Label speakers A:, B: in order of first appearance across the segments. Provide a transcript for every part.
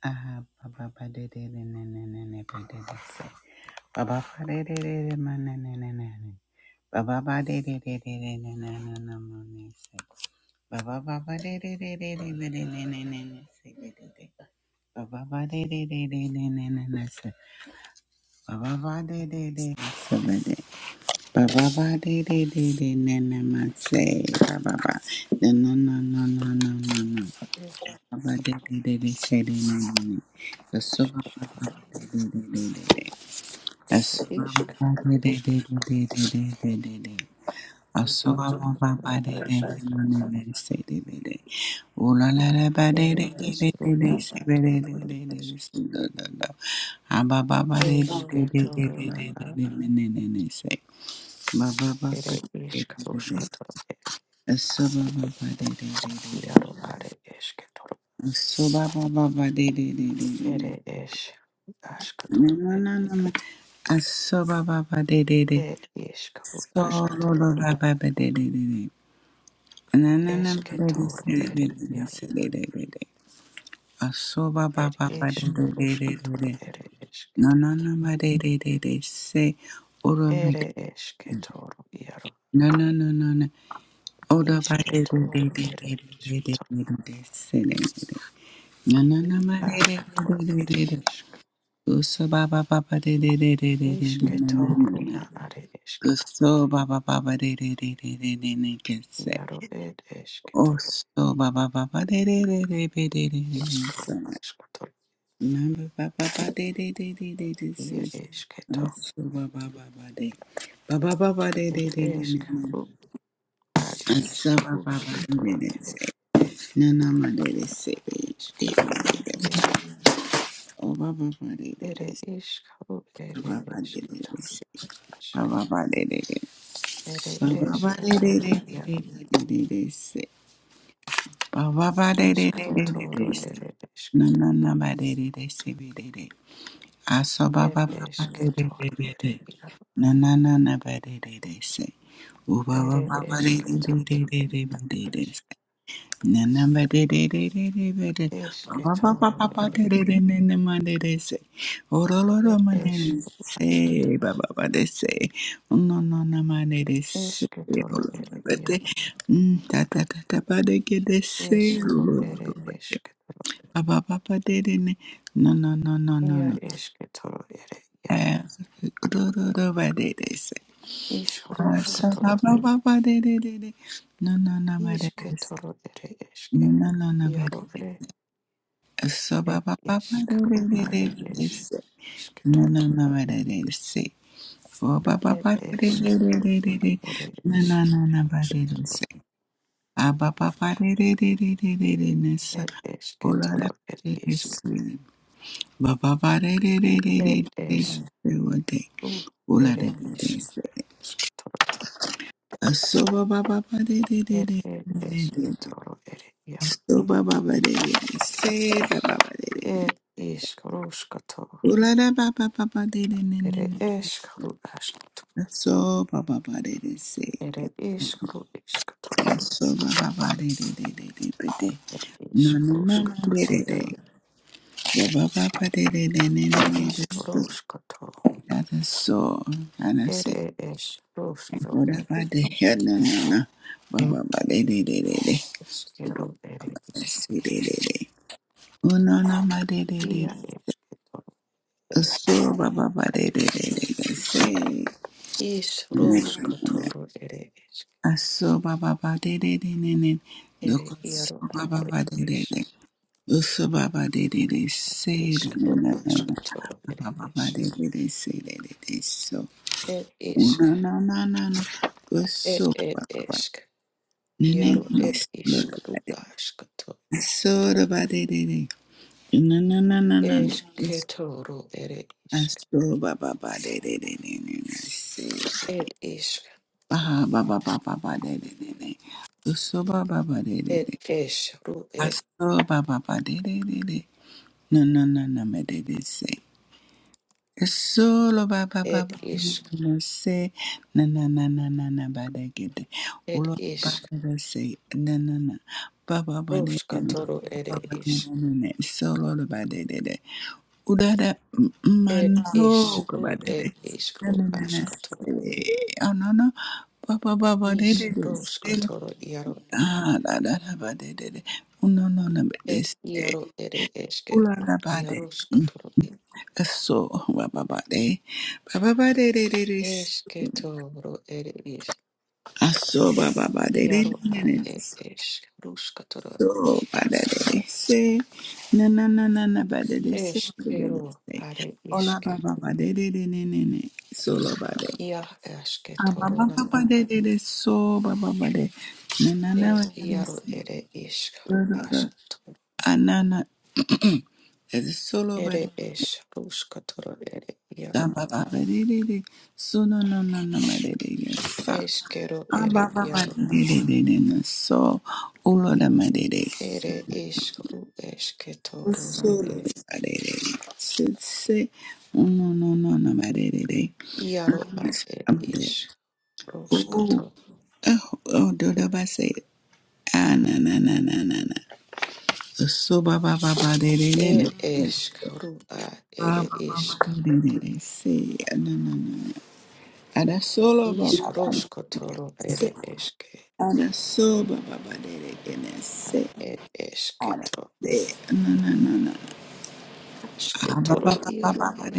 A: Aha, ba ba de de de ne ne ne ne ba de de se. Ba ba ba de de de de ma ne ne ne ne ne. Ba ba ba de de de de de ne ne ne ne ma ne se. Ba ba ba ba de de de de de de de ne ne ne ne se de de de. Ba ba ba de de de de de ne ne ne se. Ba ba ba de de de se ba de. Ba ba ba de de de de ne ne ma se. Ba ba ba. Ne no no no no no no no. Asubaba
B: Eşketo,
A: ba ba ba de
B: eşketo, ere eşketo, eşketo, eşketo, eşketo, ere eşketo, eşketo, ere eşketo, rona a, ere eşketo, eşketo, yaro are eşketo,
A: de de de de de.
B: ere eş,
A: No,
B: eşketo,
A: no, no, no, no. Asoba ba ba de de de.
B: ere eşketo, eşketo,
A: Solo lo ba ba ba de de de de. Na na na ba de de
B: eşketo,
A: se de de
B: ere
A: de de
B: yaro,
A: se de de de de. Asoba ba
B: ere
A: ba ba de de
B: eşketo,
A: de de de
B: eşketo,
A: de.
B: ere
A: No
B: eşketo,
A: no no ba de de de de se. Oro ba de.
B: ere eşketo,
A: No no no no no. Oro ba de de de
B: Ishketoro
A: de de de
B: ere
A: de
B: ishketoro
A: de de de se de de de. No no no
B: i
A: ba de de de de
B: ashketoro
A: de
B: ere
A: de de.
B: ishk
A: Uso ba ba ba ba de de de de de de de. No no no
B: ishketoro
A: no.
B: na are ishketoro
A: Gusto baba baba de de de de de de de que se.
B: iaro ed
A: Oh
B: ishketoro
A: Osto baba baba de de de de de de de
B: ishkoro
A: de de.
B: ashketoro
A: Number baba baba de de de de de de
B: ie
A: se. Oh
B: ishketoro
A: Osto baba baba de. Baba baba de de
B: ere
A: de de de
B: ishk
A: de.
B: ru ad ishk
A: Osto baba baba de de
B: rushketoro
A: de
B: ere
A: se. Nana ma de de se de de
B: ishketoro
A: de
B: iaro
A: Oh O baba baba de de de
B: ere
A: se.
B: ishk
A: Baba
B: ere
A: baba de de de
B: ishketoro
A: se.
B: ad ishk
A: Baba baba de de de.
B: ere
A: Baba baba de de
B: ishketoro
A: de de de
B: iaro
A: de de de se. Ba ba ba de de de de de de.
B: ishkotoro
A: se.
B: ere ishk
A: Na na na ba de de de se be de de. Aso ba
B: ed
A: ba ba ba de de de
B: ishketoro
A: de de.
B: ere iaro
A: Na na na na ba de de de se. U ba ba
B: Ere
A: ba ba de de de
B: esketo,
A: de
B: ere
A: de de de de.
B: esk,
A: se. Na na ba de de de de de de de. Ba ba ba
B: esketoro,
A: ba ba
B: ere
A: de de de de de ma de de se. O ro ro
B: er
A: ro ma de de
B: esk,
A: se. Ba ba ba de se. No, no, na ma de de se. O
B: esketoro,
A: ro ro
B: ere
A: ba de.
B: iaro,
A: Mm, Ta ta ta ta ba de ke de se. O
B: esro,
A: ro ro
B: ere
A: ro ba de.
B: esketoro,
A: Ba ba ba ba de de ne. no, no, no, no. no
B: ia
A: no.
B: esketoro, ere iaro,
A: Eh, ro- ro- ro- ba- de- de- se. Ah, sa- ba-
B: isruskatoro,
A: ba- ba- ba- de- de- de- de. No, no, no, ba- de- de- se.
B: isketoro, ere
A: No,
B: eske,
A: no, no, no, ba-
B: iaro, e,
A: So ba
B: et
A: ba ba ba do do
B: eskru,
A: do do
B: are
A: do do
B: es,
A: se. Na na
B: isketoro,
A: na ba do do do se. Fo ba ba
B: et
A: ba do do do do
B: eskru,
A: do do do.
B: ere
A: Na na
B: es,
A: na na ba do do
B: asketoro,
A: se. A ba ba ba do do do do do do do na sa.
B: et
A: O la la
B: esketoro, ere
A: do do se. Ba ba ba do do do do do do do
B: isk,
A: do wa de.
B: Ru
A: O la do
B: ere
A: do do se.
B: iskatoro
A: A so ba ba ba ba do do do do
B: ere
A: do do do do.
B: esketoro ere iaro
A: So ba ba ba do do do se. Ba ba ba do do do.
B: ere iskaruskatoro
A: O la la ba ba ba ba do do do do
B: ere eskaru askato
A: So ba ba ba de de se.
B: ere iskaru iskatoro
A: So ba ba ba de de de de de de
B: ere
A: No no no no
B: iskaruskatoro
A: de de
B: iaro
A: de. So ba ba ba de de de de de de So
B: iskaruskatoro
A: that is so. And I say
B: ere
A: what
B: eskaruskatoro
A: about the head? No no no. Ba ba ba de de de de de. So ba
B: eskero ere
A: ba
B: iaro
A: de de de. Oh no no ma de de de.
B: ia esketoro es
A: So ba ba ba de de de de de. Say. No, no, no, no.
B: iskaruskatoro ere esk
A: So ba ba ba de de de ne ne,
B: ere
A: Look. So
B: iaro
A: ba ba
B: ere
A: ba de de
B: esk
A: de. Usubaba de de de say de na
B: Iskru
A: na na na.
B: askatoro ere
A: Baba de
B: isk.
A: de de say de de de so.
B: Ed isk.
A: Na na na na na.
B: Ed
A: uso
B: ed
A: baba
B: isk.
A: nene
B: Iaro
A: ne.
B: ed
A: Usubaba
B: iskru
A: de.
B: askato.
A: Usubaba de ba de de. de. Na na na na na na. Uso
B: Esketoro ere isk.
A: baba ba de de de de de de say.
B: Ed isk.
A: Bah baba ba ba ba de de de uso baba ba de de
B: Ed
A: de.
B: es ru ed.
A: Uso baba ba de de de de. Na na na na me de de say. Solo ba ba ba
B: Ed
A: ba
B: isk.
A: ba se na na na na na na ba da gede
B: Ed
A: ulo ba ba
B: isk.
A: ba se na na na ba ba ba de
B: Roskatoro
A: ba
B: ere
A: ba de
B: is.
A: na na na solo lo ba de de de uda da
B: Ed
A: mano
B: is
A: ko ba
B: ru
A: de de
B: ed
A: na
B: iskru
A: na na na se
B: askatoro.
A: oh no no ba ba ba ba de
B: Is
A: de de se
B: roskatoro iaro ed.
A: ah da da da ba de de de oh no no no ba
B: yaro,
A: de
B: Ed
A: se
B: iaro ere eske.
A: ulo da ba de
B: Iaro skatoro ed.
A: Aso baba ba de baba ba de de de de
B: Esketoro ere is.
A: aso baba ba de de
B: Iaro
A: de de
B: ad ed esk ruskatoro
A: so ba de de de se na na na na na ba de de se de de de
B: eskero
A: se
B: are
A: ola
B: iske
A: baba ba de de de ne ne ne so la ba de
B: ia eske
A: ababa
B: torona
A: ba ba
B: a
A: de de de so baba ba de na na
B: e
A: na ba de de
B: iaro
A: se
B: ere isk
A: do
B: ru
A: do do
B: askto
A: ah na, Ese solo ba de
B: ere es ruskatoro ere iaro
A: sa
B: a
A: ba ba ba de de de so no no no no ba de de de sa
B: eskero
A: So,
B: ere iaro a
A: ulola madede.
B: ere isk ru eske torona e
A: Solo madede. Sitse. Uno no no no madede.
B: iaro ad ed
A: Abde,
B: is
A: Oh,
B: ruskato
A: oh, oh, do da ba say. Ah, na na na na na na. So ba ba ba ba de de de ne.
B: ed esk ru a
A: Ah,
B: ere
A: na na ba
B: isk ru
A: ah, no no no. Ada solo ba
B: isk ruskatoro ere eske
A: Ada so ba ba se,
B: Ed esketo,
A: de de na na na. ada. No,
B: asketoro
A: no,
B: iaro ed,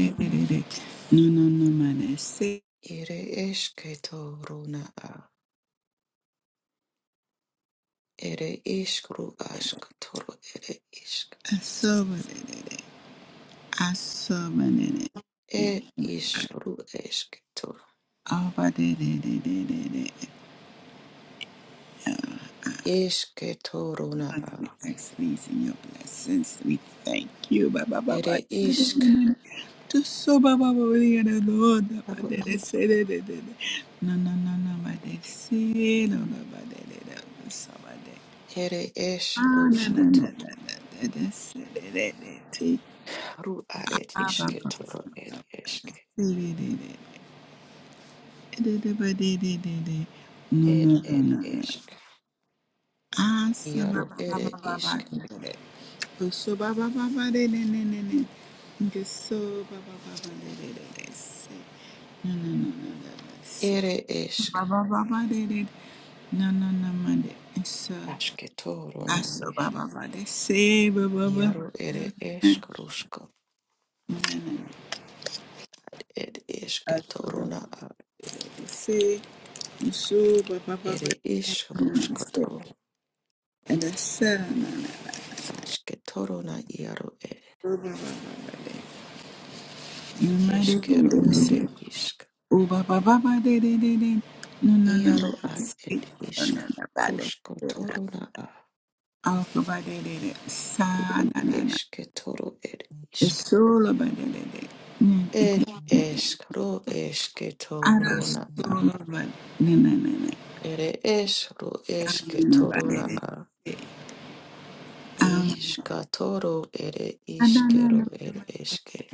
A: no, man. See,
B: ere esketoro na a, ere iskru
A: I
B: asketoro ere isk,
A: saw what it. is. I saw what it. is.
B: ed iskru esketoro,
A: Oh, but it, it, it, it, it, it.
B: isketoro na
A: Father,
B: a,
A: we ask these in your blessings. We thank you. Ba, ba, ba,
B: ere
A: ba.
B: isk,
A: To so ba, ba, ba, ba, yeah, the Lord. Ba, ba,
B: aru,
A: de, de, se, de, de, de, de. No, no, no, no, ba, de, se, no, no, ba, de, de, de, de, so, ba, de.
B: ere es
A: Ah, no, no,
B: ruskoto,
A: no, no, no, de, de, se, de, de, de, te.
B: aru are
A: No, no,
B: isketoro ed esk,
A: no,
B: ed
A: no,
B: ed
A: no.
B: esk,
A: Ah, sa ba
B: iaro
A: ba ba
B: ere
A: ba ba
B: isk,
A: ba. So ba ba ba ba de de de de de. Nge so ba ba ba ba de de de de. Se. No, no, no, no, no, no. Se.
B: ere esk,
A: Ba ba ba ba de de. No, no, no, ma de. So.
B: asketoro
A: Ah,
B: na
A: so
B: isk.
A: ba ba ba de. Se ba ba ba ba.
B: Yaro ere esh krushka
A: No,
B: ed eshke
A: no, no.
B: toruna a
A: Say nso baba
B: ere
A: baba
B: ish rushkato
A: and the sun, na
B: ashke toruna yaro ed
A: baba baba de nyuma de
B: eshkero
A: gudu se
B: ere isk.
A: o baba baba de de de de no no no no
B: yaro a.
A: se
B: ed
A: no
B: isk
A: no no ba de
B: rushko toruna a
A: alfa ba de de de sa na na na
B: eshke toro ed
A: the
B: isk.
A: solo ba de de de ne ete
B: ed eshk ro eshke
A: ara
B: toruna a
A: solo ba ne na na, ne
B: ere esh ro eshke
A: ano ba de
B: toruna
A: de
B: a
A: um
B: ishka toro ere
A: na na
B: ishkero
A: na.
B: ed eshke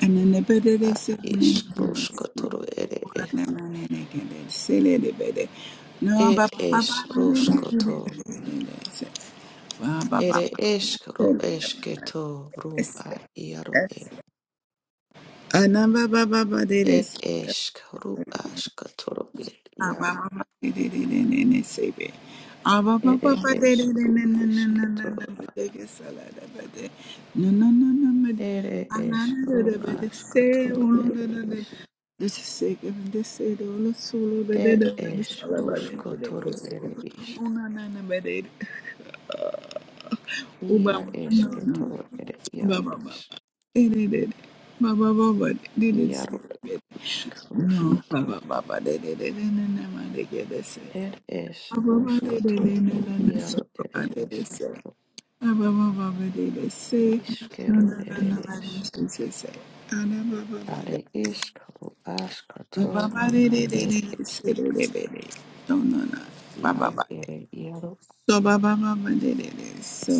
A: Anamba
B: a is ruskotoro ere e. Ed es ruskoto. Ere esk ru esketo ru a iaro ere.
A: baba
B: Ed
A: baba
B: esk ru askatoro ed
A: Baba,
B: iaro.
A: Baba,
B: Ere es ru esketoro a. Ere esk ru askatoro ere is. Ed es ruskotoro ere is. Ia esketoro ere iaro
A: Baba,
B: es.
A: Baba,
B: Iaro
A: Baba, no,
B: isk
A: Baba Baba de de de de na na ma de ge de se.
B: Er es
A: Baba Baba de de de na
B: uskotoru
A: na na so
B: iaro ere
A: Baba de de se.
B: esketo
A: Baba Baba Baba de de se. No
B: iskero
A: no no
B: ere
A: no ma de
B: esk.
A: se se se. Ana Baba Baba
B: Are
A: de.
B: iskaru
A: Baba Baba
B: askatoru
A: de
B: na
A: de de
B: er
A: de de
B: esk.
A: se de de de de. No no no. Baba
B: Iaro
A: Baba de.
B: ere iaro
A: So Baba Baba de de de so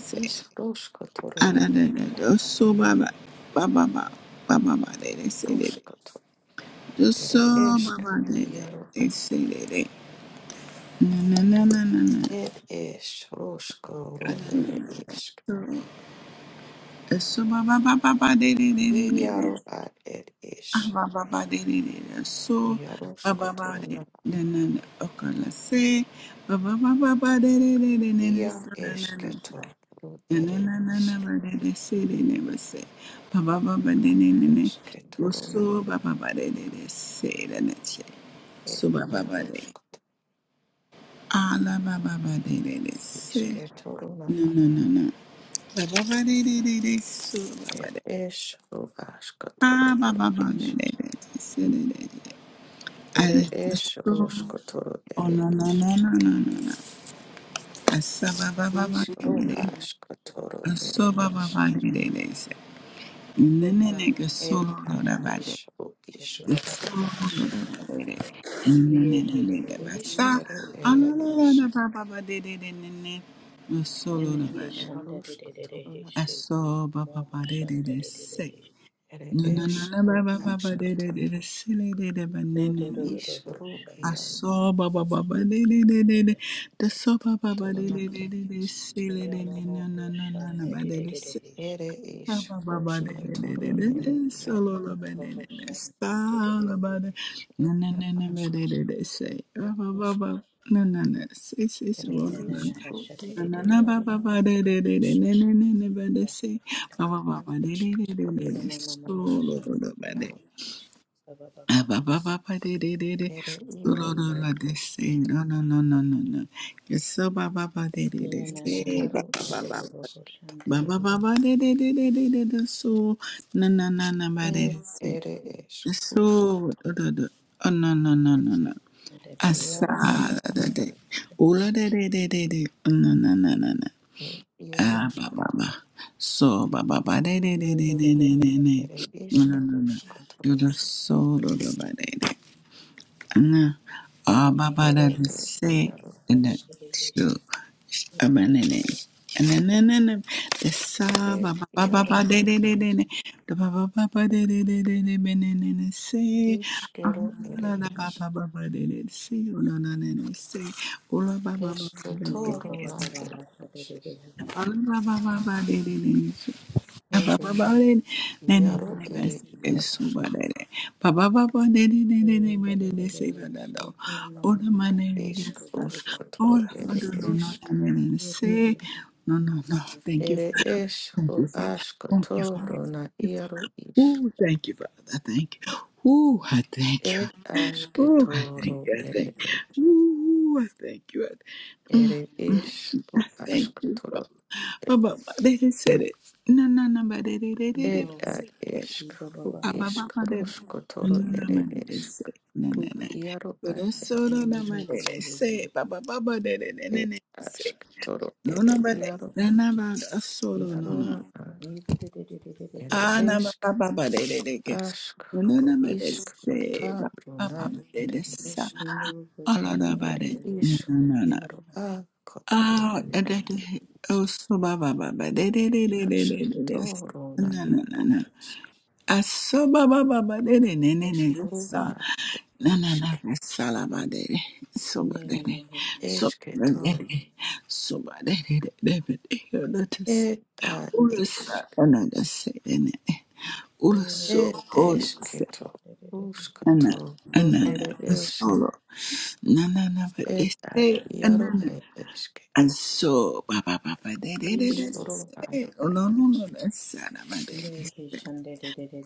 A: se.
B: is roskotoru
A: Ana
B: ere
A: de de de so Baba Baba Baba Baba Baba de de se de de.
B: roskoto
A: The
B: ere
A: song about
B: eskaru
A: they they
B: iaro
A: they
B: ad.
A: say they na na na na na
B: Er es roskoru
A: na na na
B: ere
A: na.
B: esk.
A: So, The song ba ba ba ba they they they they they they
B: Iaro ad er
A: ah
B: es.
A: baba baba ba they they they they so ba ba ba
B: Iaroskotoru
A: they
B: na
A: na na na okay let's say ba ba ba ba ba they they they they they they
B: ia
A: so na na na so.
B: esketoru
A: na na
B: ere
A: na na na
B: esk.
A: ba they they say they never say ba ba ba ba they they they they
B: Eske toruna
A: so ba ba ba they they they say they never say
B: er
A: so ba ba ba they.
B: jaroškat.
A: Ah, la ba ba ba de de de se.
B: Iske toruna
A: No no no no. La ba ba de de de de so ba ba
B: er
A: de.
B: es rovaška
A: Ah
B: toru
A: ba
B: er
A: ba ba
B: es.
A: de de de de se de de de. Ah
B: Ere
A: de de
B: es
A: so.
B: roška toru
A: Oh
B: ere
A: no no
B: is.
A: no no no no no. Asa ba ba ba
B: Is
A: ba de de de.
B: rovaška toru ere
A: Aso ba
B: es.
A: ba ba de de de se. Ne ne
C: Kurva
A: ne ke
B: Er
A: so lo lo
B: ad
A: da ba
B: is
A: de.
B: ro
C: shiki
A: Ke
B: iska
C: baba
A: so
B: toru.
C: baba
A: lo lo da
C: shanda
A: ba de de. Ne
C: iye
A: ne ne
C: tere
A: ne da
C: tere
A: ba
C: tere
A: sa.
B: Iskero
A: Ah
C: shiki
B: ere
A: la
C: baba
A: la la da
B: esk.
A: ba ba ba de de de ne ne. No solo da
C: ene
A: ba
C: ke
A: de.
C: shanda tere
B: Jaroška
C: tere he
B: toruna
C: shi
A: Aso baba
C: mo
A: ba de de
C: shanda
A: de
C: tere tere
A: se.
C: he
B: ere
A: No no
B: es
A: no no baba baba
B: rovaška
A: de de
B: toru.
A: de de se de de de ba ne
C: yo do do do
B: Is
C: do ho
B: ro
C: shanda
B: jaroška
A: baba baba de de de de de. The so baba ba de
B: toruna
A: de de
B: ere
A: de de
B: es.
A: de
C: yo
A: de
C: mo mo
A: no
C: ho
A: no no no no
C: shanda
A: ba de
C: tere tere he shi
B: Ere
A: Ba
B: ish
A: ba ba ba de
B: rusko
A: de de de
B: toro
A: de de
B: ere yaro
A: solo
C: shaka
A: la
C: baba
A: ba
C: baba
A: de de
C: ho
A: de
C: shanda
A: sa
C: tere tere
A: la ba de
C: he shi
A: na na na na ba
B: ashk
A: de de de say ba ba ba
B: ish
A: ba na na na say say say
C: ni
B: ere
A: ba ba
C: na na
A: ba
C: na
B: ish
C: ha
B: ru
C: shaka
B: i
A: na
C: tere
A: na
B: e
C: tere
A: na ba
B: yaro
A: ba ba de de de de
B: ish
A: na na na na ba de say ba ba ba ba de de
B: ashk
A: de de
B: toro
A: de
C: ye
B: ere
A: de
C: mama mama ha
B: yarosh
A: solo
C: shanda
A: la ba de
B: yaro
C: baba baba
A: ah ba
C: baba
A: ba ba ba de de de de
B: ere
A: solo
B: yaro
A: la
B: ere
A: la de
B: ish
A: say
B: keto
A: no no no no no no yes so ba ba ba de de de
C: ye na
B: ish
C: na ha
A: say ba ba
C: baba
B: ere
A: ba
C: baba
B: ish
C: ho
B: keto
A: Ba
C: shanda
A: ba ba ba de de de de de de de so na na na na ba de
B: ere
A: de se
B: ere ish
A: The so
B: rusko
A: do do do oh no no no no no
C: Yeah, no
A: asa
B: yaro ma
A: da da de
B: arish
A: ula de de de de de oh, no no no no no
B: e
A: ah ba
B: yaroshko
A: ba ba so ba ba ba de de de de de de de de
B: ere ish
A: no no no no
B: rusko
A: do
B: toro
A: do so do do ba de na ababada
B: ere e
A: se
B: yaro
A: na
B: ish
A: so abanene ananana the saba
B: e
A: baba baba
B: yaro
A: ba de de de de
B: ere
A: the baba baba de de de de de benene se ah,
B: Ishkero
A: la
B: ere
A: la
B: ish.
A: baba baba de de se no no no no se ola baba baba de de
B: Eshketoruna
A: se
B: ere ish.
A: ala baba baba de de ne Baba baba ne ne ne
B: Yaro
A: ne
B: ere
A: Yesu
B: yarushk.
A: baba ne, Oh,
B: Ishkarushkatoro
A: no,
B: ere
A: no, no,
B: ishk.
A: ne ne ne say, no, no, no. Thank you,
B: Ere
A: thank you,
B: ishru
A: thank you, thank
B: ashkatoruna
A: you.
B: yaru ish.
A: Oh, thank you, Father. Thank you. Oh, I thank you.
B: Ed
A: Oh, I thank
B: ashketoro
A: you. I thank.
B: ere
A: you Oh, I thank
B: ere
A: you. I
B: ishru
A: Thank you,
B: ashkatoro
A: Father. Ba-
B: ere
A: ba- ba-
B: ish.
A: They just said it. No, no, no, but they they they they they
B: Ed
A: said
B: ad
A: it.
B: ishkru
A: Ah, ba- ba- ba- they- No,
B: ishkarushkatoro
A: no, no,
B: ere
A: man, they
B: ishk.
A: said no, no,
B: Ru
A: no.
B: yaro
A: But
B: ad
A: that's
B: ere
A: so no, no,
B: ishk.
A: man, they said, say Ba- ba- ba- ba- they they they they
B: e
A: they say
B: ask toro
A: No, no,
B: ere
A: but they
B: iaro
A: no, no,
B: es
A: but that's so no, no, no.
B: iarona a ere
A: Ah, no, ba-
B: esk
A: ba- ba- ba- they they they get.
B: ask
A: No, no,
B: ro
A: no, but they
B: isk ro
A: said,
B: ta
A: it. Ba- ba- ba-
B: runa
A: ba- they did,
B: ere
A: they say
B: esk
A: it. All of
C: person
A: them, but
B: ere
A: they- no,
B: isk
A: no, no, no.
B: iaro a kotoro
A: Ah, da-
B: iaro
A: da- da-
B: es
A: oh, so ba ba ba ba da- da-
B: e
A: da- da- da- da-
B: ask
A: da- da.
B: toro na
A: No, no, no,
B: iaro
A: no.
B: es
A: Ah, so ba ba ba ba da- da- da- da-
B: es
A: da- da.
B: ro
A: So,
B: a
A: no, no, no,
B: isk
A: no. So la ba da- da. So ba da- da. So
B: esk
A: ba
B: to
A: da- da. So ba da- da- da- da- da- da. Oh, let us say.
B: e a
A: Oh, let's say.
B: isk
A: Oh, no, let's say. Da- da- da. Oh, let's
B: e
A: so. Oh,
B: esk
A: let's say.
B: to usk
A: No, no,
B: to
A: no,
B: ro
A: no,
B: ere
A: no.
B: esk
A: Solo. No, no, no, but they
B: Ed at
A: say.
B: Yaro ed isk.
A: And so, ba ba ba ba, they they they they
B: Iskoro at
A: say, oh
B: at
A: no no no,
B: isk.
A: that's sad, my
C: No,
A: baby.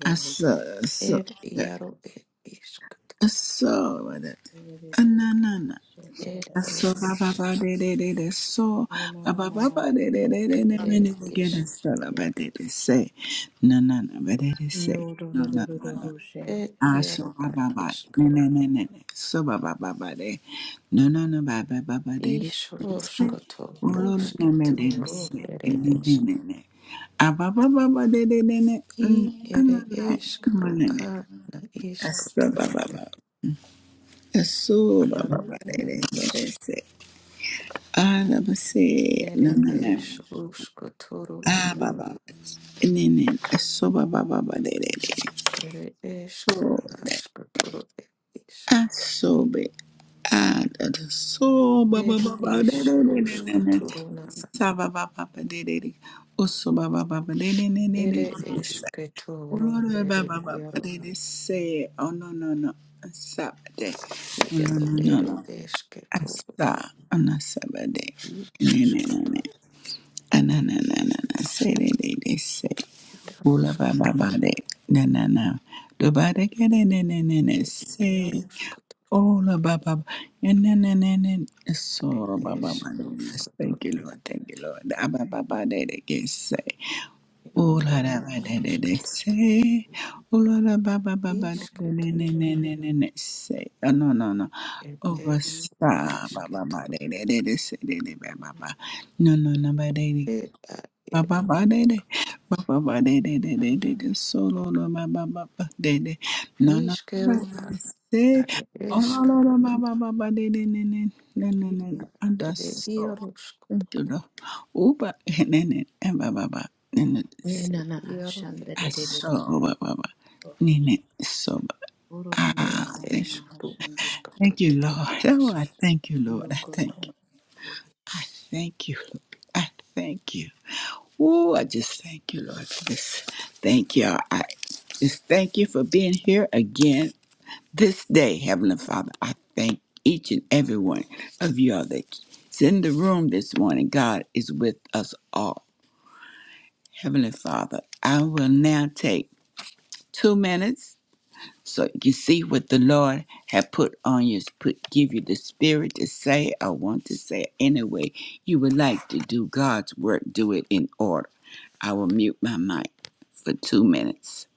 A: I saw, I saw,
B: Ed
A: yeah,
B: Yaro ed isk.
A: I saw that. Ah na na na.
B: Ed
A: I
B: ed
A: saw ba ba
B: is.
A: ba, they they they they saw ba ba ba ba, they they they they
B: Ed
A: they
B: ed
A: many again. I
B: is.
A: saw but they they say, na na na, but they they say,
C: do
A: no
C: do
A: no
C: do do
A: no
C: do
A: no.
C: ho she.
B: Ed Yaro at
A: Ashababa. Ne ne
B: iskoro.
A: ne ne ne. Sobaba baba de. No no no baba baba de de.
B: Ishroskoto
A: Ulo no no, me de de
B: rusketo
A: se.
B: ere
A: Ne ne
B: isk.
A: ne ne. Ababa baba de de de ne. ne Mm.
B: I
A: Ana
B: ere
A: na. Ma
B: iskro
A: ne ne.
B: a na
A: Asobaba
B: iskotoro.
A: baba. Asobaba
B: Yaro
A: baba de
B: ere
A: de de
B: isk.
A: de se. Ana ba se. No
B: Ere
A: no no.
B: is ruskotoro
A: Ah
B: yaro.
A: baba. Ne ne. Asobaba baba de de de.
B: Ere iskro
A: so
B: askotoro ed isk.
A: asobe adada so ba ba
B: Ed
A: ba ba da
B: is
A: da da da da da
B: Ruskotorona,
A: sa ba ba ba ba da da da oso ba ba ba ba da da da da da
B: ere
A: sa
B: esketoro,
A: olora ba
B: ere
A: ba ba ba
B: iaro,
A: da da se oh no no no sa ba da oh no
B: iaro,
A: no no no
B: ere esketoro,
A: asa
B: i
A: ana sa ba da
B: i
A: ne ne ne
B: askoto,
A: ne ana na na na na se da da da se
B: iaro
A: Ula ba ba ba
B: skotoro,
A: de na na na. Do ba de ke de ne ne ne ne
B: ed iaro
A: se.
B: skotoro,
A: Ola Baba and then and then
B: ed
A: so Baba
B: es
A: yes thank
B: ruskotoro,
A: you Lord thank you Lord Abba Baba de de que say
B: ed
A: Ola
B: iaro
A: Baba de de de
B: askoto,
A: say Ola Baba Baba de de de de de
B: isketorona,
A: de de de say oh no no no
B: ed
A: over
B: es u
A: sa Baba Baba
B: esketoro,
A: de de de de say de de Baba Baba no no no Baba
B: ed a
A: Ba ba ba de de,
B: eskoto,
A: ba ba ba de de de de
B: iaro,
A: de de. Solo lo ba ba ba ba de de. No no no.
B: niskero a,
A: Say,
B: are
A: oh no no no
B: eskoro,
A: ba ba ba ba de de ne ne ne ne
B: i
A: ne. And
B: ere
A: us so
B: iaro
A: Thank you Lord, uba ne ne and ba ba ba ne ne.
C: Ye
B: Ere
C: na na na
B: iaro
C: shan
B: ed
C: de de
A: aso
C: de
B: ish
C: de
A: so ba ba ba
C: ho
A: ne
C: she.
A: ne so ba.
C: Oro ra ma
B: ed
C: ma
A: Ah,
C: ma ma
A: thank,
B: ish
C: ma ha
B: ru
C: shan de.
B: ashkot
A: thank you, Lord. Oh,
B: ish.
A: I thank you, Lord.
C: No
A: I
C: go
A: thank
C: shan.
A: you.
C: de
A: I thank you. Lord. I thank you. Ooh, I just thank you, Lord, for this. Thank you. I just thank you for being here again this day, Heavenly Father. I thank each and every one of y'all that's in the room this morning. God is with us all. Heavenly Father, I will now take two minutes so you see what the Lord had put on you, put give you the spirit to say, I want to say it anyway. You would like to do God's work, do it in order. I will mute my mic for two minutes.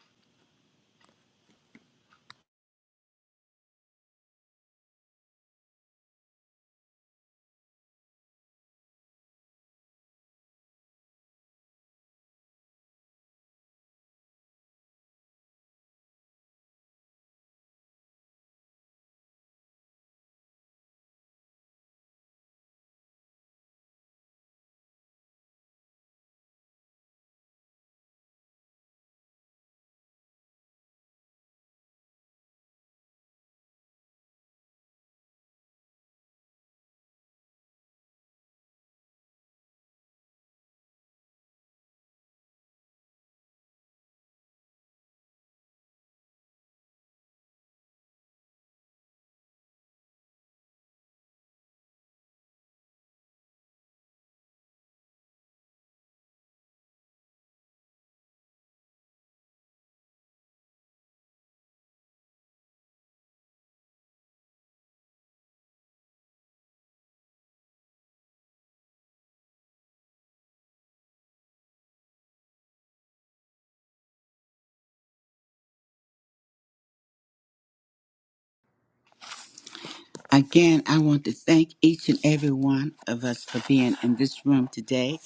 A: Again, I want to thank each and every one of us for being in this room today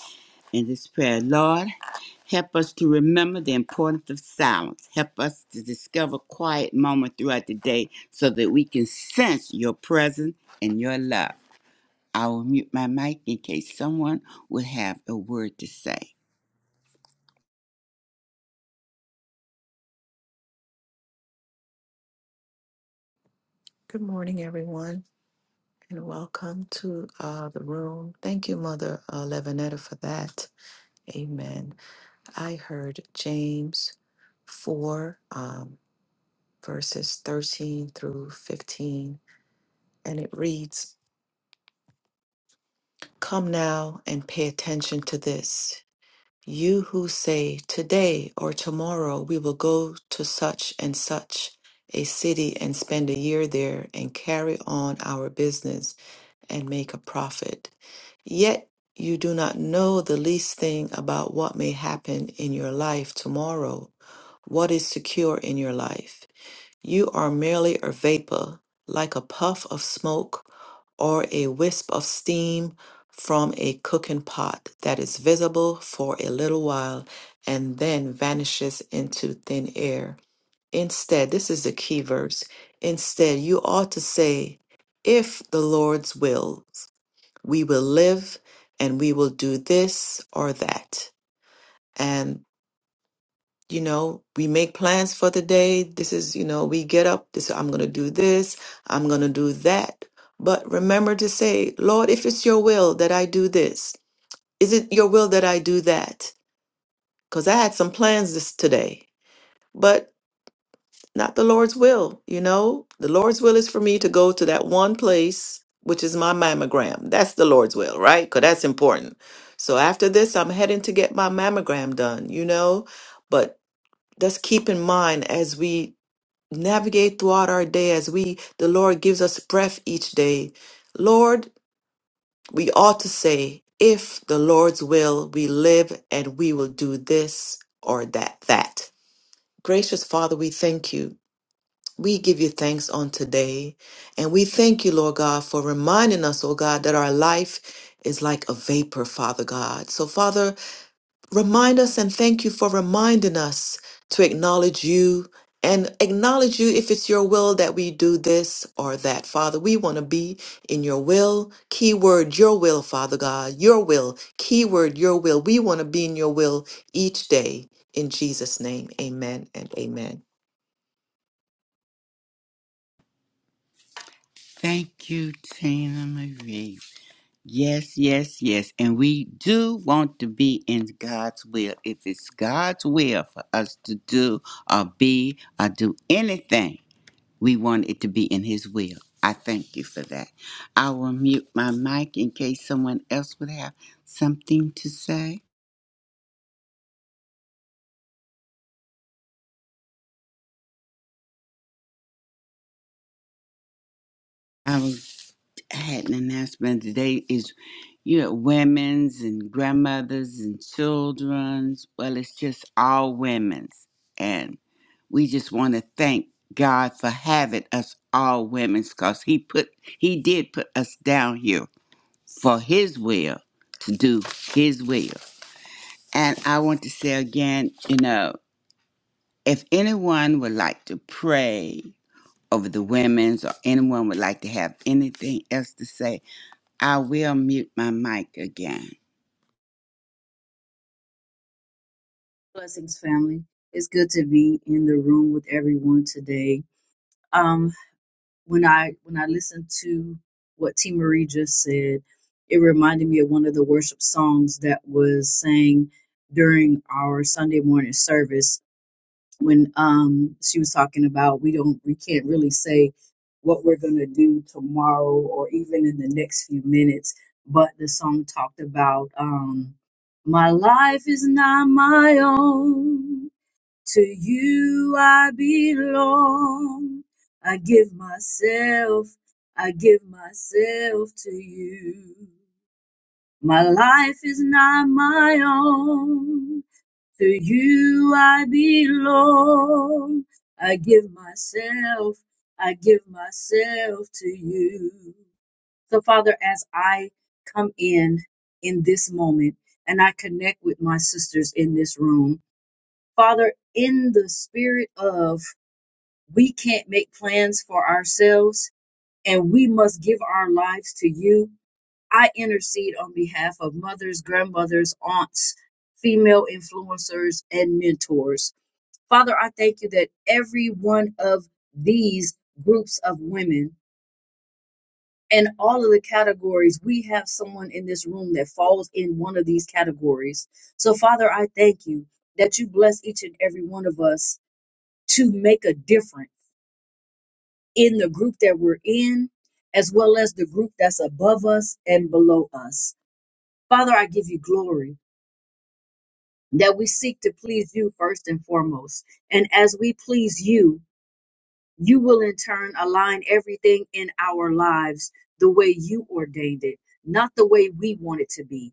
A: in this prayer. Lord, help us to remember the importance of silence. Help us to discover quiet moments throughout the day so that we can sense your presence and your love. I will mute my mic in case someone would have a word to say.
B: Good morning, everyone, and welcome to uh, the room. Thank you, Mother uh, Levinetta, for that. Amen. I heard James 4, um, verses 13 through 15, and it reads, Come now and pay attention to this. You who say, Today or tomorrow we will go to such and such a city and spend a year there and carry on our business and make a profit. Yet you do not know the least thing about what may happen in your life tomorrow, what is secure in your life. You are merely a vapor, like a puff of smoke or a wisp of steam from a cooking pot that is visible for a little while and then vanishes into thin air. Instead, this is the key verse. Instead, you ought to say, If the Lord's wills, we will live and we will do this or that. And you know we make plans for the day this is you know we get up this i'm going to do this i'm going to do that but remember to say lord if it's your will that i do this is it your will that i do that because i had some plans this today but not the lord's will you know the lord's will is for me to go to that one place which is my mammogram that's the lord's will right because that's important so after this i'm heading to get my mammogram done you know but let's keep in mind as we navigate throughout our day as we the Lord gives us breath each day. Lord, we ought to say, if the Lord's will, we live and we will do this or that that. Gracious Father, we thank you. We give you thanks on today. And we thank you, Lord God, for reminding us, oh God, that our life is like a vapor, Father God. So, Father, Remind us and thank you for reminding us to acknowledge you and acknowledge you if it's your will that we do this or that. Father, we want to be in your will. Keyword, your will, Father God, your will. Keyword, your will. We want to be in your will each day. In Jesus' name, amen and amen.
A: Thank you, Tina Marie. Yes, yes, yes. And we do want to be in God's will. If it's God's will for us to do or be or do anything, we want it to be in His will. I thank you for that. I will mute my mic in case someone else would have something to say. I was had an announcement today is you know women's and grandmothers and children's well it's just all women's and we just want to thank god for having us all women's because he put he did put us down here for his will to do his will and i want to say again you know if anyone would like to pray over the women's or anyone would like to have anything else to say I will mute my mic again.
D: Blessings, family. It's good to be in the room with everyone today. Um, when I when I listened to what T Marie just said, it reminded me of one of the worship songs that was sang during our Sunday morning service when um she was talking about we don't we can't really say what we're gonna do tomorrow or even in the next few minutes, but the song talked about um my life is not my own. To you I belong. I give myself, I give myself to you. My life is not my own. To you I belong. I give myself, I give myself to you. So, Father, as I come in in this moment and I connect with my sisters in this room, Father, in the spirit of we can't make plans for ourselves and we must give our lives to you, I intercede on behalf of mothers, grandmothers, aunts, female influencers, and mentors. Father, I thank you that every one of these groups of women and all of the categories, we have someone in this room that falls in one of these categories. So, Father, I thank you that you bless each and every one of us to make a difference in the group that we're in, as well as the group that's above us and below us. Father, I give you glory that we seek to please you first and foremost. And as we please you, you will in turn align everything in our lives the way you ordained it, not the way we want it to be.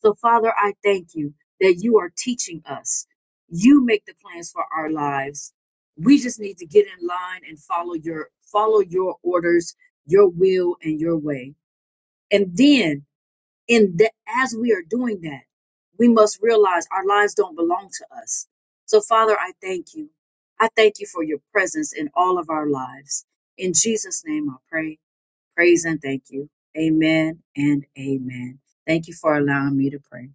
D: So, Father, I thank you that you are teaching us. You make the plans for our lives. We just need to get in line and follow your follow your orders, your will, and your way. And then, in the, as we are doing that, we must realize our lives don't belong to us. So, Father, I thank you. I thank you for your presence in all of our lives. In Jesus' name, I pray, praise, and thank you. Amen and amen. Thank you for allowing me to pray.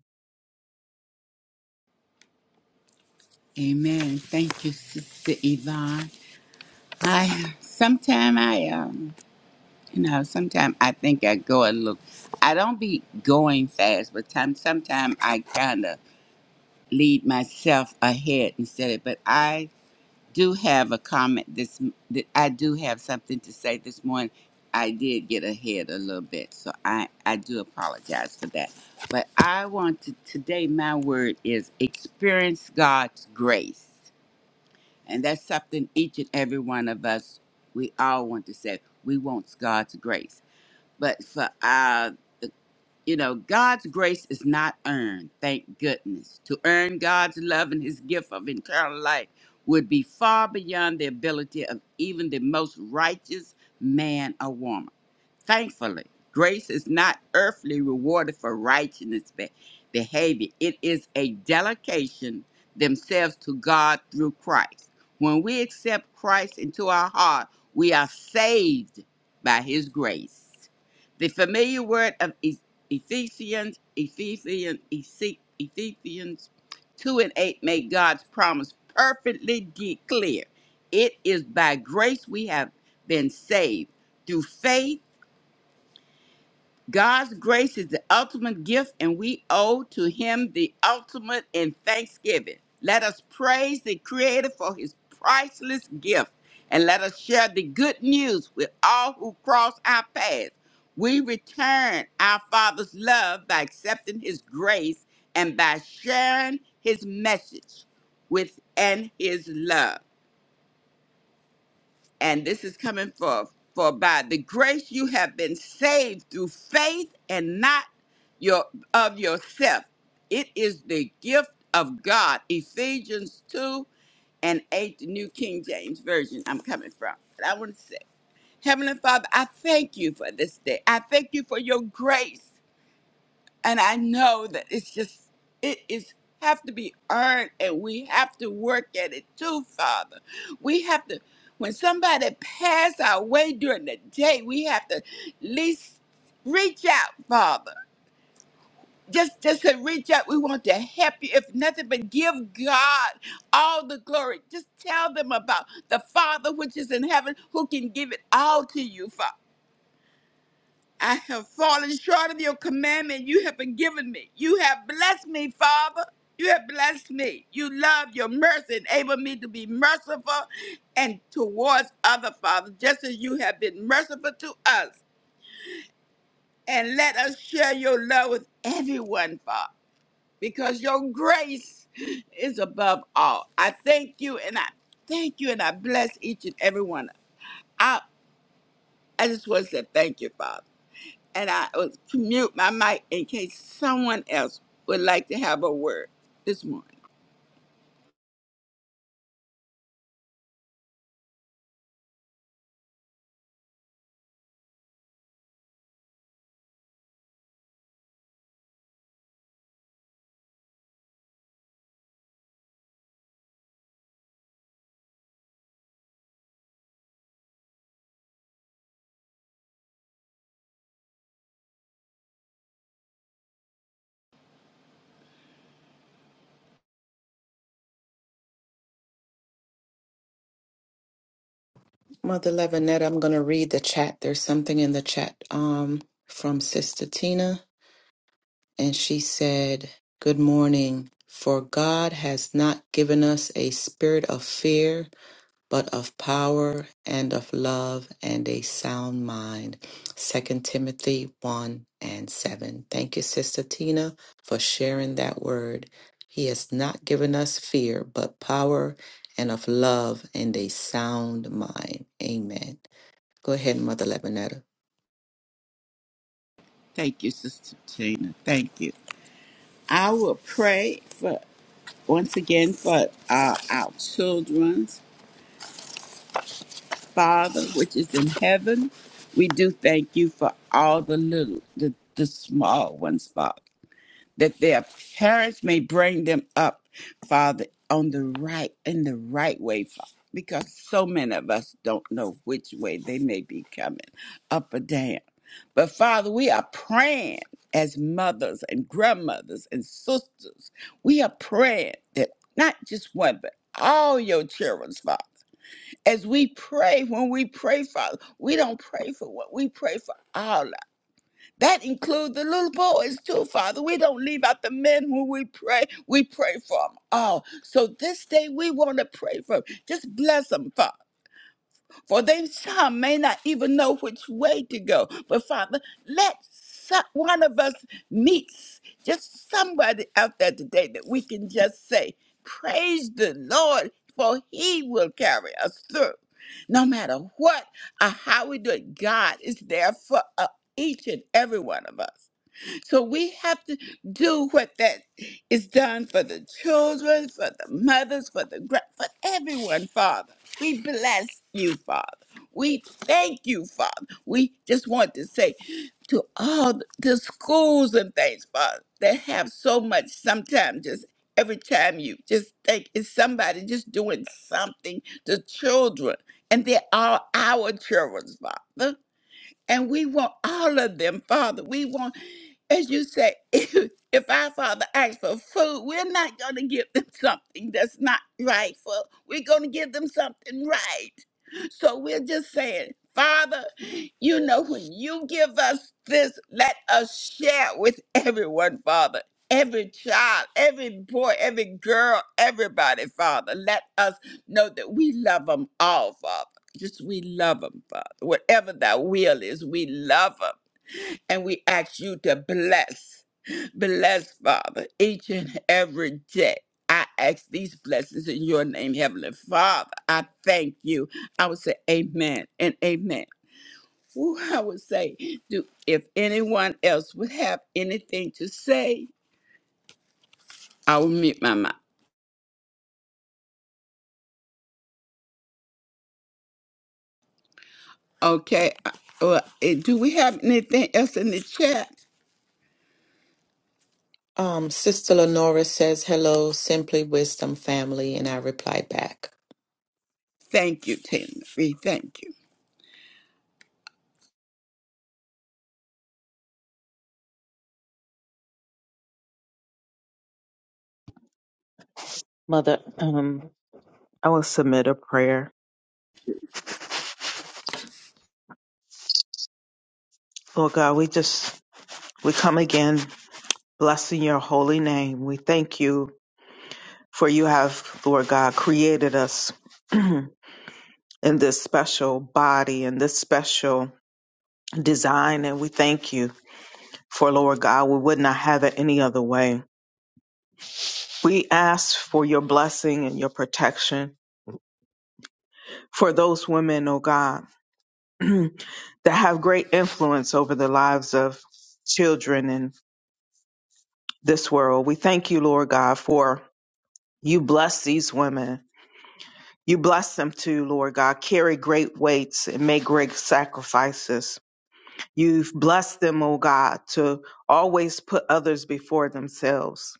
A: Amen. Thank you, Sister Yvonne. I sometime I um you know sometime I think I go a little. I don't be going fast, but time sometime I kind of lead myself ahead instead of. But I do have a comment this m- I do have something to say this morning. I did get ahead a little bit, so I I do apologize for that. But I want to today my word is experience God's grace. And that's something each and every one of us we all want to say. We want God's grace. But for us you know, God's grace is not earned, thank goodness. To earn God's love and his gift of eternal life would be far beyond the ability of even the most righteous man or woman. Thankfully, grace is not earthly rewarded for righteousness be- behavior. It is a delegation themselves to God through Christ. When we accept Christ into our heart, we are saved by his grace. The familiar word of E- Ephesians, Ephesians, Ephe- Ephesians 2 and 8 make God's promise perfectly de- clear. It is by grace we have been saved through faith God's grace is the ultimate gift, and we owe to Him the ultimate in thanksgiving. Let us praise the Creator for His priceless gift, and let us share the good news with all who cross our path. We return our Father's love by accepting His grace and by sharing His message with and His love and this is coming for for by the grace you have been saved through faith and not your of yourself it is the gift of god ephesians 2 and 8 the new king james version i'm coming from but i want to say heavenly father i thank you for this day i thank you for your grace and I know that it's just it is have to be earned and we have to work at it too, Father. We have to when somebody pass our way during the day, we have to at least reach out, Father. Just just to reach out. We want to help you. If nothing but give God all the glory. Just tell them about the Father which is in heaven who can give it all to you, Father. I have fallen short of your commandment you have been given me. You have blessed me, Father. You have blessed me. You love your mercy, enable me to be merciful and towards other fathers, just as you have been merciful to us. And let us share your love with everyone, Father, because your grace is above all. I thank you and I thank you and I bless each and every one. I, I just want to say thank you, Father. and I will mute my mic in case someone else would like to have a word this morning.
B: Mother Levinette, I'm going to read the chat. There's something in the chat um, from Sister Tina, and she said, Good morning. For God has not given us a spirit of fear, but of power and of love and a sound mind. Second Timothy 1 and 7. Thank you, Sister Tina, for sharing that word. He has not given us fear, but power and of love and a sound mind. Amen. Go ahead, Mother Lebanetta.
A: Thank you, Sister Tina. Thank you. I will pray for once again for uh, our children's Father, which is in heaven. We do thank you for all the little, the, the small ones, Father. that their parents may bring them up, Father, on the right in the right way, Father. Because so many of us don't know which way they may be coming, up or down. But Father, we are praying as mothers and grandmothers and sisters. We are praying that not just one, but all your children's Father. As we pray, when we pray, Father, we don't pray for what we pray for that includes the little boys too, Father. We don't leave out the men who we pray. We pray for them all. So this day we want to pray for 'em. Just bless them, Father. For they some may not even know which way to go. But Father, let some, one of us meet just somebody out there today that we can just say, praise the Lord, for he will carry us through. No matter what or how we do it, God is there for uh, each and every one of us. So we have to do what that is done for the children, for the mothers, for the gra- for everyone, Father. We bless you, Father. We thank you, Father. We just want to say to all the the schools and things, Father, that have so much sometimes just every time you just think it's somebody just doing something to children. And they are our children, Father. And we want all of them, Father. We want as you say, if, if our father asks for food, we're not going to give them something that's not rightful. We're going to give them something right. So we're just saying, Father, you know, when you give us this, let us share with everyone, Father. Every child, every boy, every girl, everybody, Father. Let us know that we love them all, Father. Just we love them, Father. Whatever thy will is, we love them. And we ask you to bless, bless, Father, each and every day. I ask these blessings in your name, Heavenly Father. I thank you. I would say amen and amen. Whew, I would say, do if anyone else would have anything to say, I will mute my mouth. Okay. uh, Well, eh, do we have anything else in the chat?
B: Um, Sister Lenora says, Hello, Simply Wisdom family. And I reply back.
A: Thank you, Tina. Marie. Thank you.
E: Mother, um, I will submit a prayer. Lord God, we just we come again blessing your holy name. We thank you for you have, Lord God, created us in this special body and this special design, and we thank you for Lord God. We would not have it any other way. We ask for your blessing and your protection for those women, oh God, that have great influence over the lives of children this world. We thank you, Lord God, for you bless these women. You bless them too, Lord God. Carry great weights and make great sacrifices. You've blessed them, oh God, to always put others before themselves.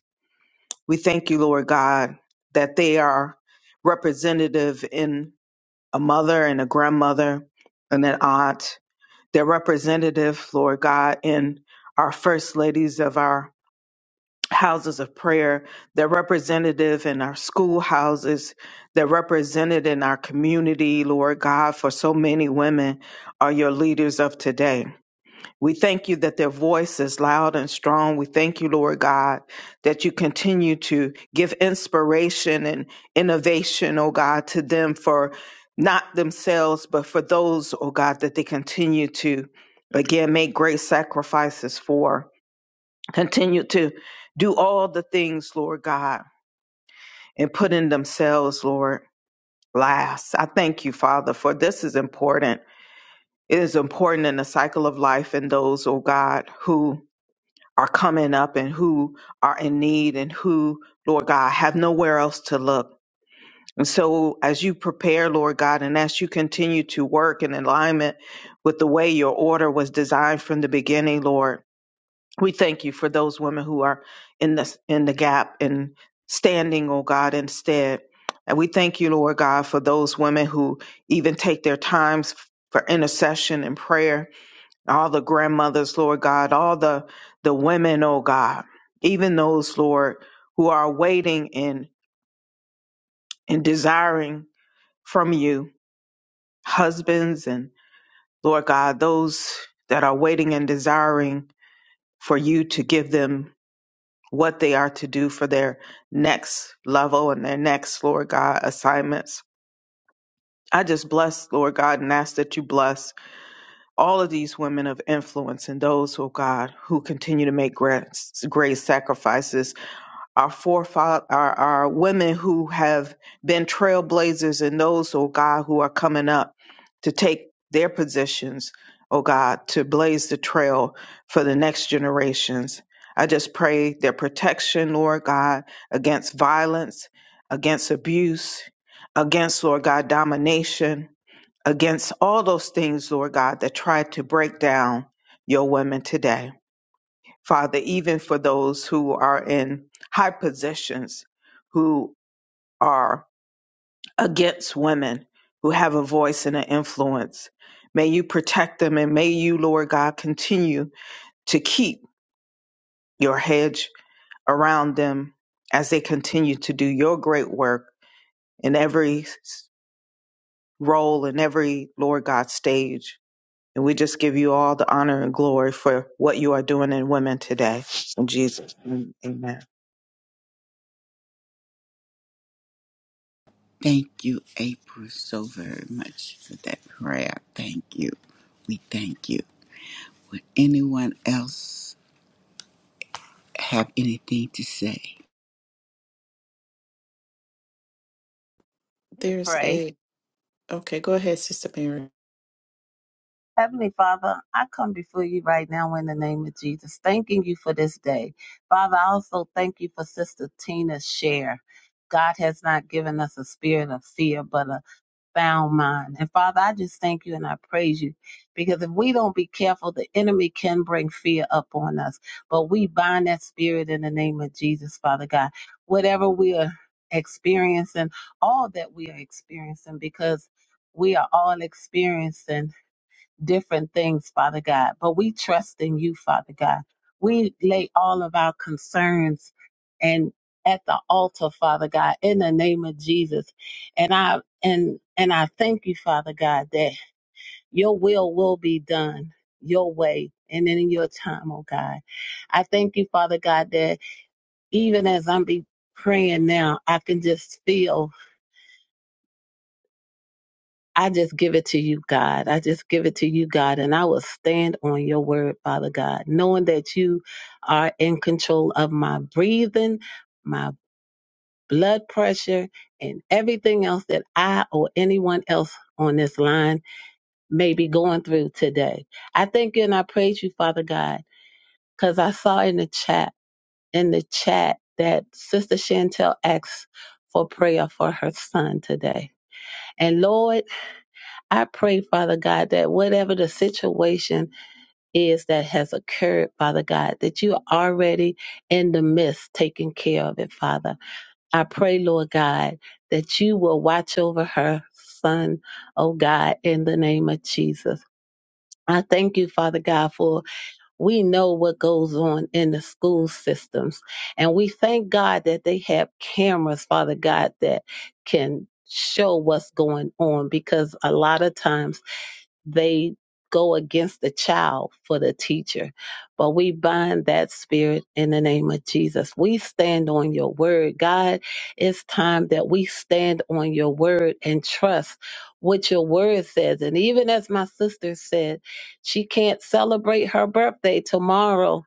E: We thank you, Lord God, that they are representative in a mother and a grandmother and an aunt. They're representative, Lord God, in our first ladies of our houses of prayer, they're representative in our schoolhouses, they're represented in our community, Lord God, for so many women are your leaders of today. We thank you that their voice is loud and strong. We thank you, Lord God, that you continue to give inspiration and innovation, oh God, to them for not themselves, but for those, oh God, that they continue to again make great sacrifices for continue to do all the things, Lord God, and put in themselves, Lord, last. I thank you, Father, for this is important. It is important in the cycle of life and those, oh God, who are coming up and who are in need and who, Lord God, have nowhere else to look. And so, as you prepare, Lord God, and as you continue to work in alignment with the way your order was designed from the beginning, Lord, we thank you for those women who are in this in the gap and standing, oh God, instead. And we thank you, Lord God, for those women who even take their times for intercession and prayer. All the grandmothers, Lord God, all the the women, oh God, even those, Lord, who are waiting and and desiring from you, husbands and Lord God, those that are waiting and desiring for you to give them what they are to do for their next level and their next, Lord God, assignments. I just bless, Lord God, and ask that you bless all of these women of influence and those, oh God, who continue to make great, great sacrifices our forefathers, our, our women who have been trailblazers and those, oh God, who are coming up to take their positions, oh God, to blaze the trail for the next generations. I just pray their protection, Lord God, against violence, against abuse, against, Lord God, domination, against all those things, Lord God, that try to break down your women today. Father, even for those who are in high positions, who are against women, who have a voice and an influence. May you protect them and may you, Lord God, continue to keep your hedge around them as they continue to do your great work in every s- role, in every, Lord God, stage. And we just give you all the honor and glory for what you are doing in women today. In Jesus' name, amen.
A: Thank you, April, so very much for that prayer. Thank you. We thank you. Would anyone else have anything to say?
F: to
B: There's
F: pray.
B: a. Okay, go ahead, Sister Mary.
F: Heavenly Father, I come before you right now in the name of Jesus, thanking you for this day. Father, I also thank you for Sister Tina's share. God has not given us a spirit of fear, but a sound mind. And Father, I just thank you and I praise you because if we don't be careful, the enemy can bring fear up on us. But we bind that spirit in the name of Jesus, Father God. Whatever we are experiencing, all that we are experiencing, because we are all experiencing different things, Father God. But we trust in you, Father God. We lay all of our concerns and at the altar, Father God, in the name of Jesus. And I and and I thank you, Father God, that your will will be done your way and in your time, oh God. I thank you, Father God, that even as I'm be praying now, I can just feel I just give it to you, God. I just give it to you, God. And I will stand on your word, Father God, knowing that you are in control of my breathing, my blood pressure, and everything else that I or anyone else on this line may be going through today. I thank you and I praise you, Father God, because I saw in the chat, in the chat, that Sister Chantel asked for prayer for her son today. And Lord, I pray, Father God, that whatever the situation is that has occurred, Father God, that you are already in the midst taking care of it, Father. I pray, Lord God, that you will watch over her son, oh God, in the name of Jesus. I thank you, Father God, for we know what goes on in the school systems. And we thank God that they have cameras, Father God, that can show what's going on because a lot of times they go against the child for the teacher. But we bind that spirit in the name of Jesus. We stand on your word. God, it's time that we stand on your word and trust what your word says. And even as my sister said, she can't celebrate her birthday tomorrow.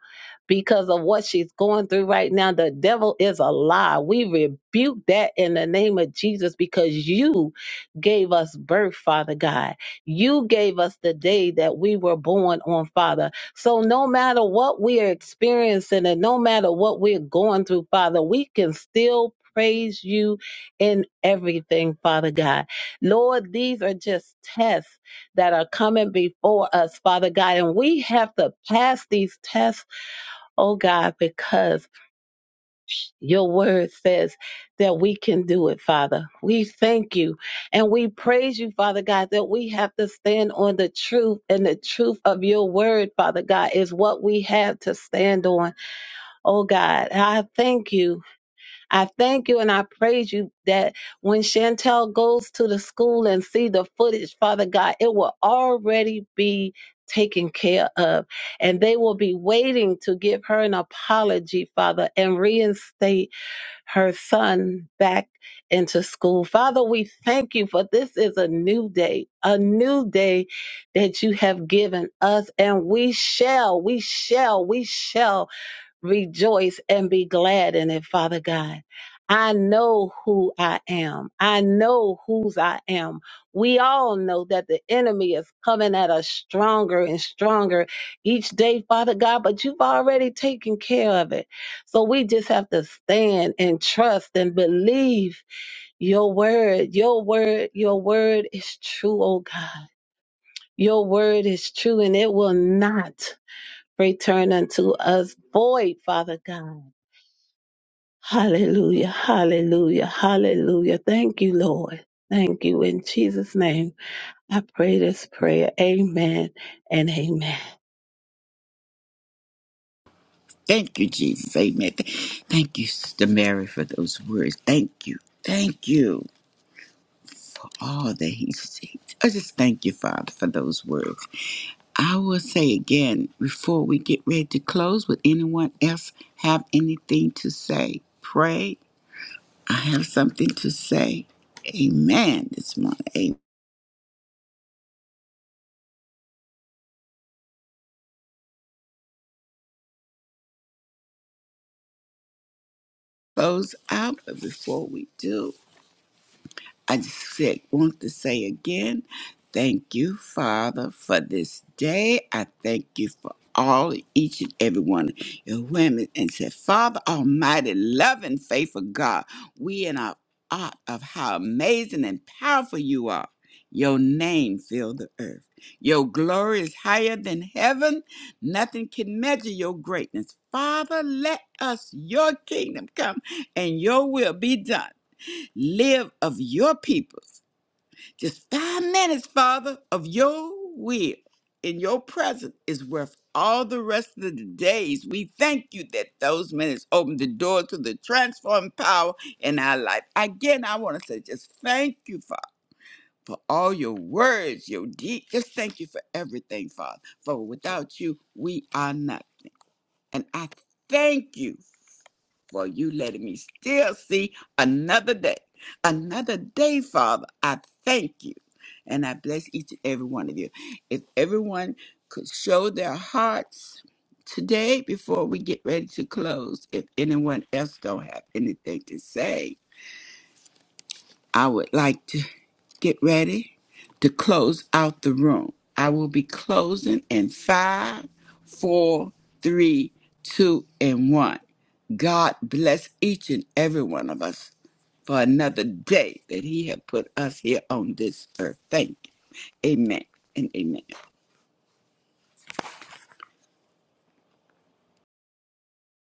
F: Because of what she's going through right now, the devil is a lie. We rebuke that in the name of Jesus because you gave us birth, Father God you gave us the day that we were born on, Father. So no matter what we are experiencing and no matter what we're going through, Father, we can still praise you in everything, Father God. Lord, these are just tests that are coming before us, Father God, and we have to pass these tests, oh God, because your word says that we can do it, Father. We thank you and we praise you, Father God, that we have to stand on the truth and the truth of your word, Father God, is what we have to stand on. Oh God, I thank you. I thank you and I praise you that when Chantel goes to the school and see the footage, Father God, it will already be taken care of and they will be waiting to give her an apology father and reinstate her son back into school. Father, we thank you for this is a new day, a new day that you have given us, and we shall, we shall, we shall rejoice and be glad in it, Father God. I know who I am. I know whose I am. We all know that the enemy is coming at us stronger and stronger each day, Father God, but you've already taken care of it. So we just have to stand and trust and believe your word. Your word, your word is true, oh God. Your word is true and it will not return unto us void, Father God. Hallelujah, hallelujah, hallelujah. Thank you, Lord. Thank you. In Jesus' name, I pray this prayer. Amen and amen.
A: Thank you, Jesus. Amen. Th- Thank you, Sister Mary, for those words. Thank you. Thank you. for All that he said. I just thank you, Father, for those words. I will say again before we get ready to close, would anyone else have anything to say? Pray. I have something to say. Amen. This morning. Amen. Close out, but before we do, I just said, want to say again, thank you, Father, for this day. I thank you for all, each and every one of your women. And said, Father Almighty, loving, faithful God, we in our art of how amazing and powerful you are. Your name fill the earth. Your glory is higher than heaven. Nothing can measure your greatness. Father, let us, your kingdom come and your will be done Live of your peoples. Just five minutes, Father, of your will in your presence is worth all the rest of the days. We thank you that those minutes open the door to the transforming power in our life. Again, I want to say just thank you, Father, for all your words, your deeds. Just thank you for everything, Father. For without you, we are nothing. And I thank you for you letting me still see another day. Another day, Father. I thank you. And I bless each and every one of you. If everyone could show their hearts today before we get ready to close, if anyone else don't have anything to say, I would like to get ready to close out the room. I will be closing in five, four, three, two, and one. God bless each and every one of us for another day that He had put us here on this earth. Thank you. Amen and amen.